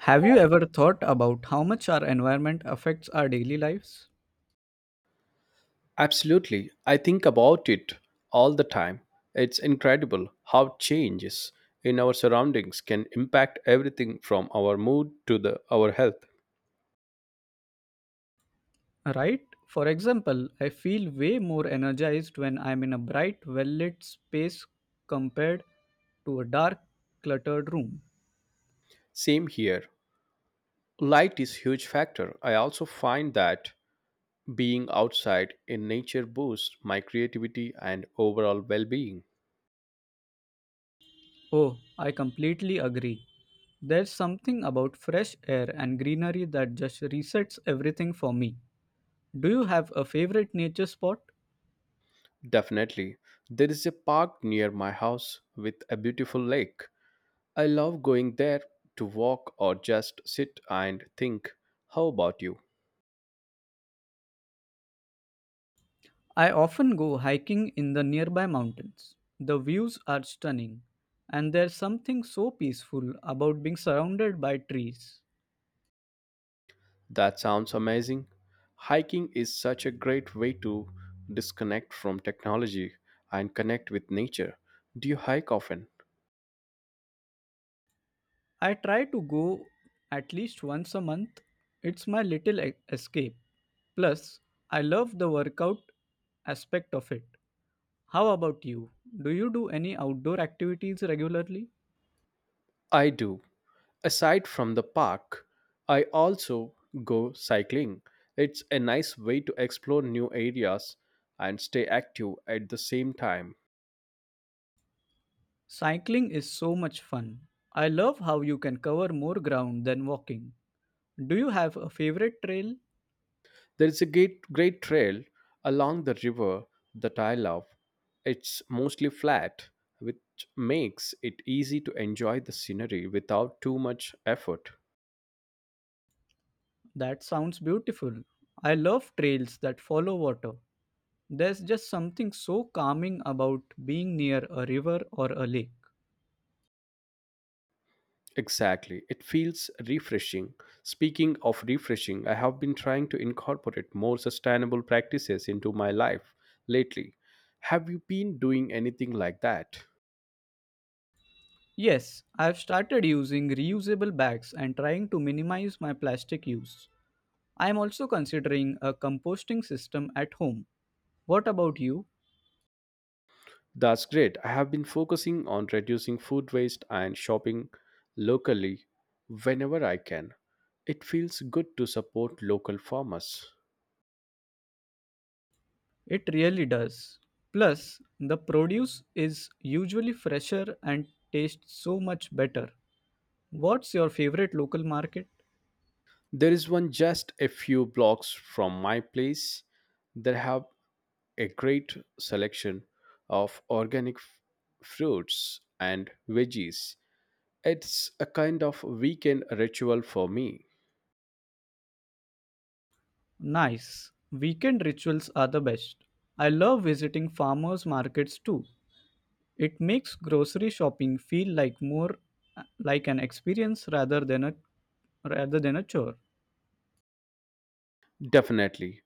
Have you ever thought about how much our environment affects our daily lives? Absolutely. I think about it all the time. It's incredible how changes in our surroundings can impact everything from our mood to the our health. Right? For example, I feel way more energized when I'm in a bright, well lit space compared to a dark, cluttered room. Same here. Light is huge factor. I also find that being outside in nature boosts my creativity and overall well-being. Oh, I completely agree. There's something about fresh air and greenery that just resets everything for me. Do you have a favorite nature spot? Definitely. There is a park near my house with a beautiful lake. I love going there to walk or just sit and think. How about you? I often go hiking in the nearby mountains. The views are stunning, and there's something so peaceful about being surrounded by trees. That sounds amazing. Hiking is such a great way to disconnect from technology and connect with nature. Do you hike often? I try to go at least once a month. It's my little escape. Plus, I love the workout aspect of it. How about you? Do you do any outdoor activities regularly? I do. Aside from the park, I also go cycling. It's a nice way to explore new areas and stay active at the same time. Cycling is so much fun. I love how you can cover more ground than walking. Do you have a favorite trail? There is a great, great trail along the river that I love. It's mostly flat, which makes it easy to enjoy the scenery without too much effort. That sounds beautiful. I love trails that follow water. There's just something so calming about being near a river or a lake. Exactly. It feels refreshing. Speaking of refreshing, I have been trying to incorporate more sustainable practices into my life lately. Have you been doing anything like that? Yes, I've started using reusable bags and trying to minimize my plastic use. I'm also considering a composting system at home. What about you? That's great. I have been focusing on reducing food waste and shopping locally whenever I can. It feels good to support local farmers. It really does. Plus, the produce is usually fresher and tastes so much better. What's your favorite local market? There is one just a few blocks from my place that have a great selection of organic fruits and veggies. It's a kind of weekend ritual for me. Nice. Weekend rituals are the best. I love visiting farmers markets too. It makes grocery shopping feel like more like an experience rather than a chore. Definitely,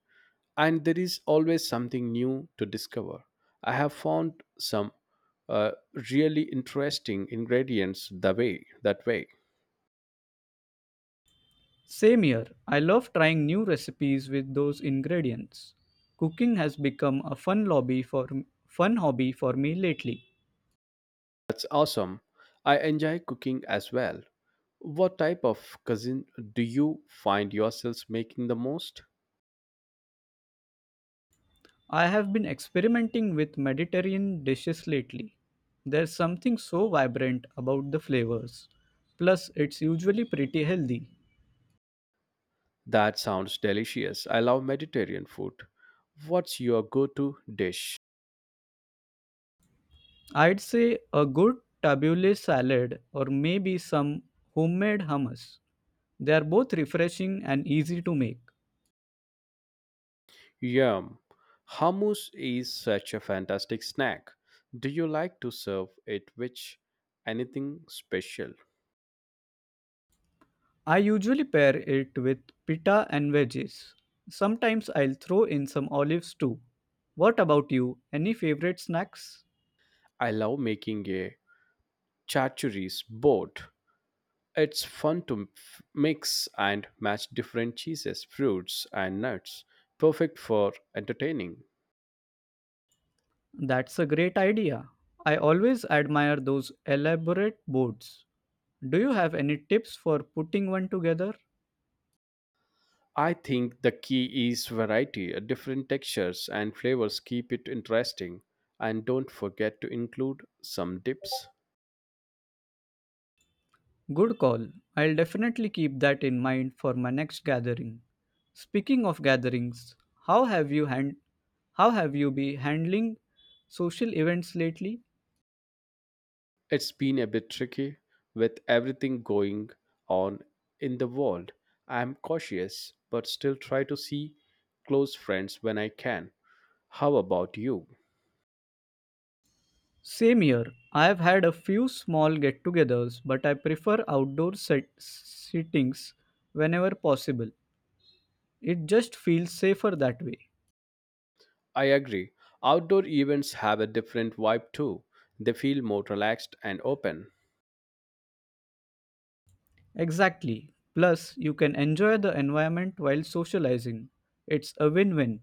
and there is always something new to discover. I have found some uh, really interesting ingredients the way that way. Same here. I love trying new recipes with those ingredients. Cooking has become a fun hobby for me lately. That's awesome. I enjoy cooking as well. What type of cuisine do you find yourselves making the most? I have been experimenting with Mediterranean dishes lately. There's something so vibrant about the flavors. Plus, it's usually pretty healthy. That sounds delicious. I love Mediterranean food. What's your go-to dish? I'd say a good tabbouleh salad or maybe some homemade hummus. They are both refreshing and easy to make. Yum. Hummus is such a fantastic snack. Do you like to serve it with anything special? I usually pair it with pita and veggies. Sometimes I'll throw in some olives too. What about you? Any favorite snacks? I love making a charcuterie board. It's fun to mix and match different cheeses, fruits, and nuts. Perfect for entertaining. That's a great idea. I always admire those elaborate boards. Do you have any tips for putting one together? I think the key is variety. Different textures and flavors keep it interesting. And don't forget to include some dips. Good call. I'll definitely keep that in mind for my next gathering. Speaking of gatherings, how have you hand how have you been handling social events lately? It's been a bit tricky with everything going on in the world. I'm cautious, but still try to see close friends when I can. How about you? Same here. I have had a few small get-togethers, but I prefer outdoor settings whenever possible. It just feels safer that way. I agree. Outdoor events have a different vibe too. They feel more relaxed and open. Exactly. Plus, you can enjoy the environment while socializing. It's a win win.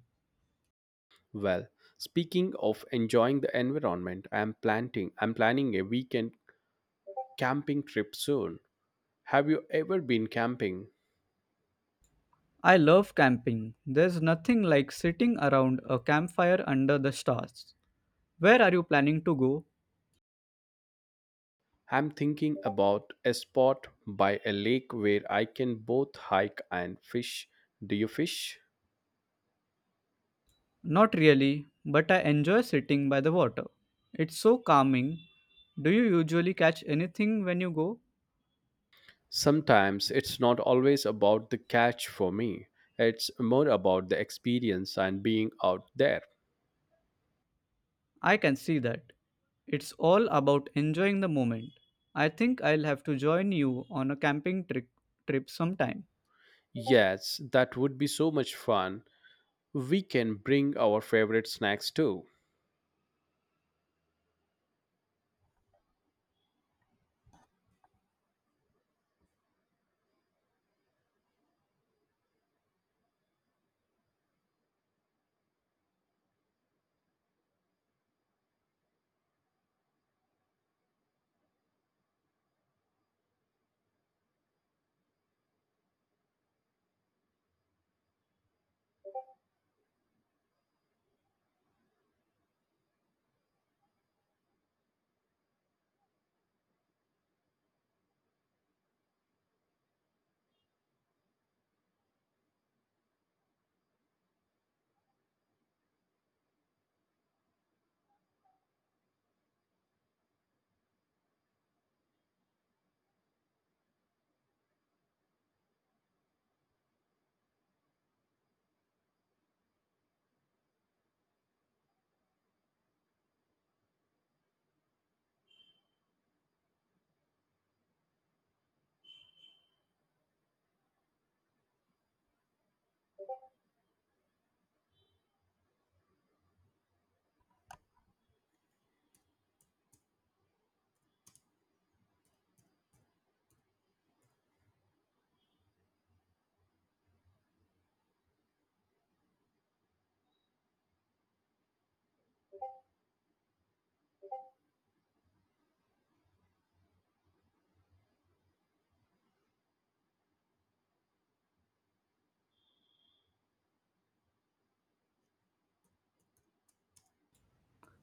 Well, speaking of enjoying the environment, I'm planning a weekend camping trip soon. Have you ever been camping? I love camping. There's nothing like sitting around a campfire under the stars. Where are you planning to go? I'm thinking about a spot by a lake where I can both hike and fish. Do you fish? Not really, but I enjoy sitting by the water. It's so calming. Do you usually catch anything when you go? Sometimes it's not always about the catch for me, it's more about the experience and being out there. I can see that. It's all about enjoying the moment. I think I'll have to join you on a camping trip trip sometime. Yes, that would be so much fun. We can bring our favorite snacks too.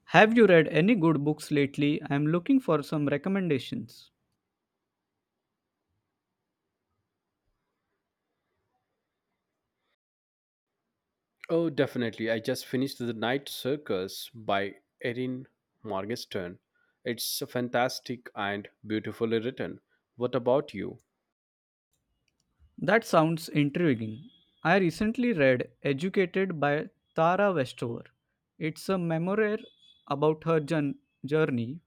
Have you read any good books lately? I am looking for some recommendations. Oh, definitely. I just finished The Night Circus by Erin Morgenstern. It's fantastic and beautifully written. What about you? That sounds intriguing. I recently read Educated by Tara Westover. It's a memoir about her journey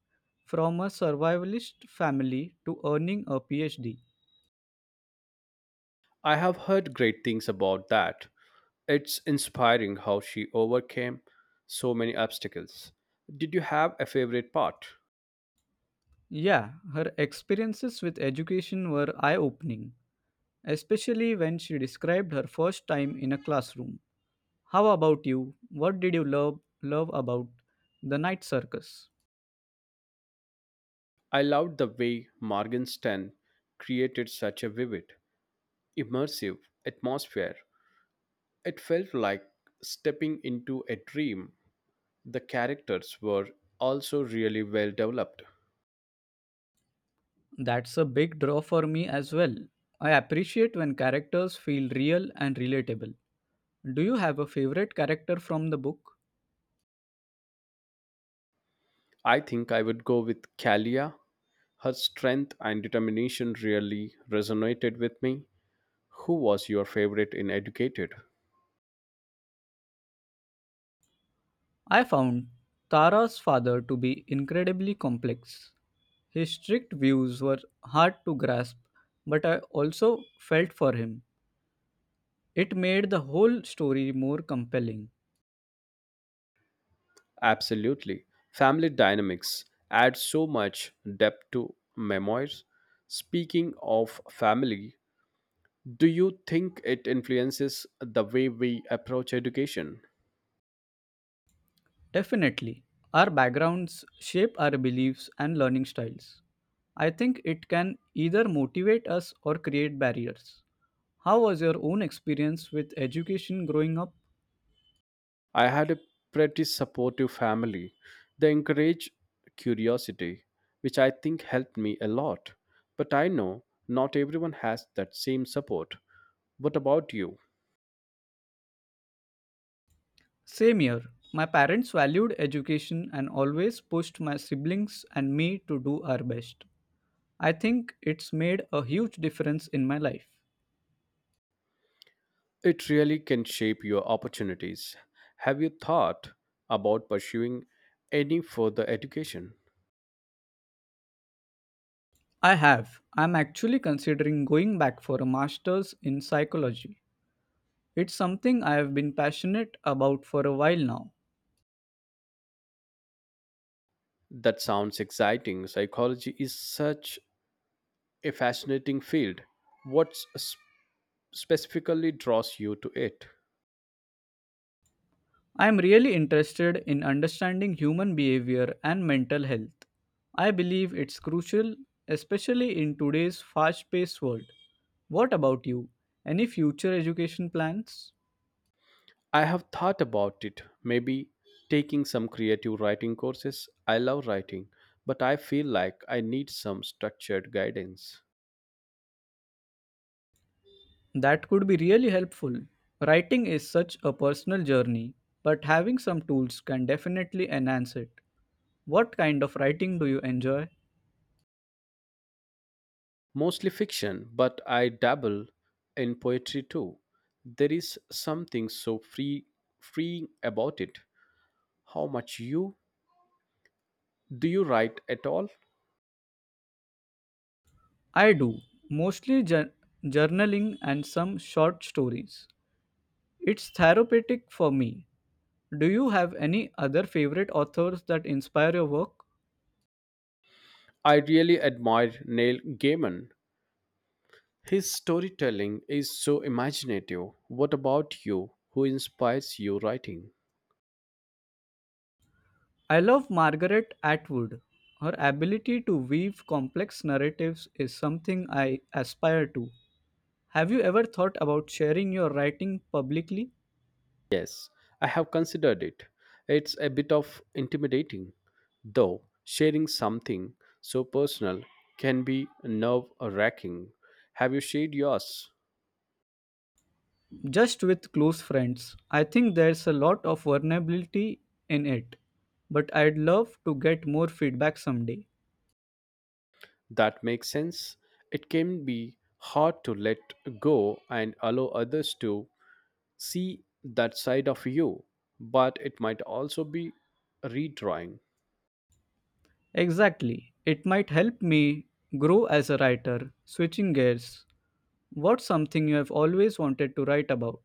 from a survivalist family to earning a PhD. I have heard great things about that. It's inspiring how she overcame so many obstacles. Did you have a favorite part? Yeah, her experiences with education were eye opening, especially when she described her first time in a classroom. How about you? What did you love about The Night Circus? I loved the way Morgenstern created such a vivid, immersive atmosphere. It felt like stepping into a dream. The characters were also really well developed. That's a big draw for me as well. I appreciate when characters feel real and relatable. Do you have a favorite character from the book? I think I would go with Kalia. Her strength and determination really resonated with me. Who was your favorite in Educated? I found Tara's father to be incredibly complex. His strict views were hard to grasp, but I also felt for him. It made the whole story more compelling. Absolutely. Family dynamics add so much depth to memoirs. Speaking of family, do you think it influences the way we approach education? Definitely. Our backgrounds shape our beliefs and learning styles. I think it can either motivate us or create barriers. How was your own experience with education growing up? I had a pretty supportive family. They encourage curiosity, which I think helped me a lot. But I know not everyone has that same support. What about you? Same here. My parents valued education and always pushed my siblings and me to do our best. I think it's made a huge difference in my life. It really can shape your opportunities. Have you thought about pursuing any further education? I have. I'm actually considering going back for a master's in psychology. It's something I have been passionate about for a while now. That sounds exciting. Psychology is such a fascinating field. What specifically draws you to it? I am really interested in understanding human behavior and mental health. I believe it's crucial, especially in today's fast paced world. What about you? Any future education plans? I have thought about it. Maybe taking some creative writing courses. I love writing, but I feel like I need some structured guidance. That could be really helpful. Writing is such a personal journey, but having some tools can definitely enhance it. What kind of writing do you enjoy? Mostly fiction, but I dabble in poetry too. There is something so freeing about it. How much you do you write at all? I do, mostly journaling and some short stories. It's therapeutic for me. Do you have any other favorite authors that inspire your work? I really admire Neil Gaiman. His storytelling is so imaginative. What about you? Who inspires you writing? I love Margaret Atwood. Her ability to weave complex narratives is something I aspire to. Have you ever thought about sharing your writing publicly? Yes, I have considered it. It's a bit of intimidating, though sharing something so personal can be nerve wracking. Have you shared yours? Just with close friends. I think there's a lot of vulnerability in it, but I'd love to get more feedback someday. That makes sense. It can be hard to let go and allow others to see that side of you, but it might also be redrawing. Exactly. It might help me grow as a writer. Switching gears. What's something you have always wanted to write about?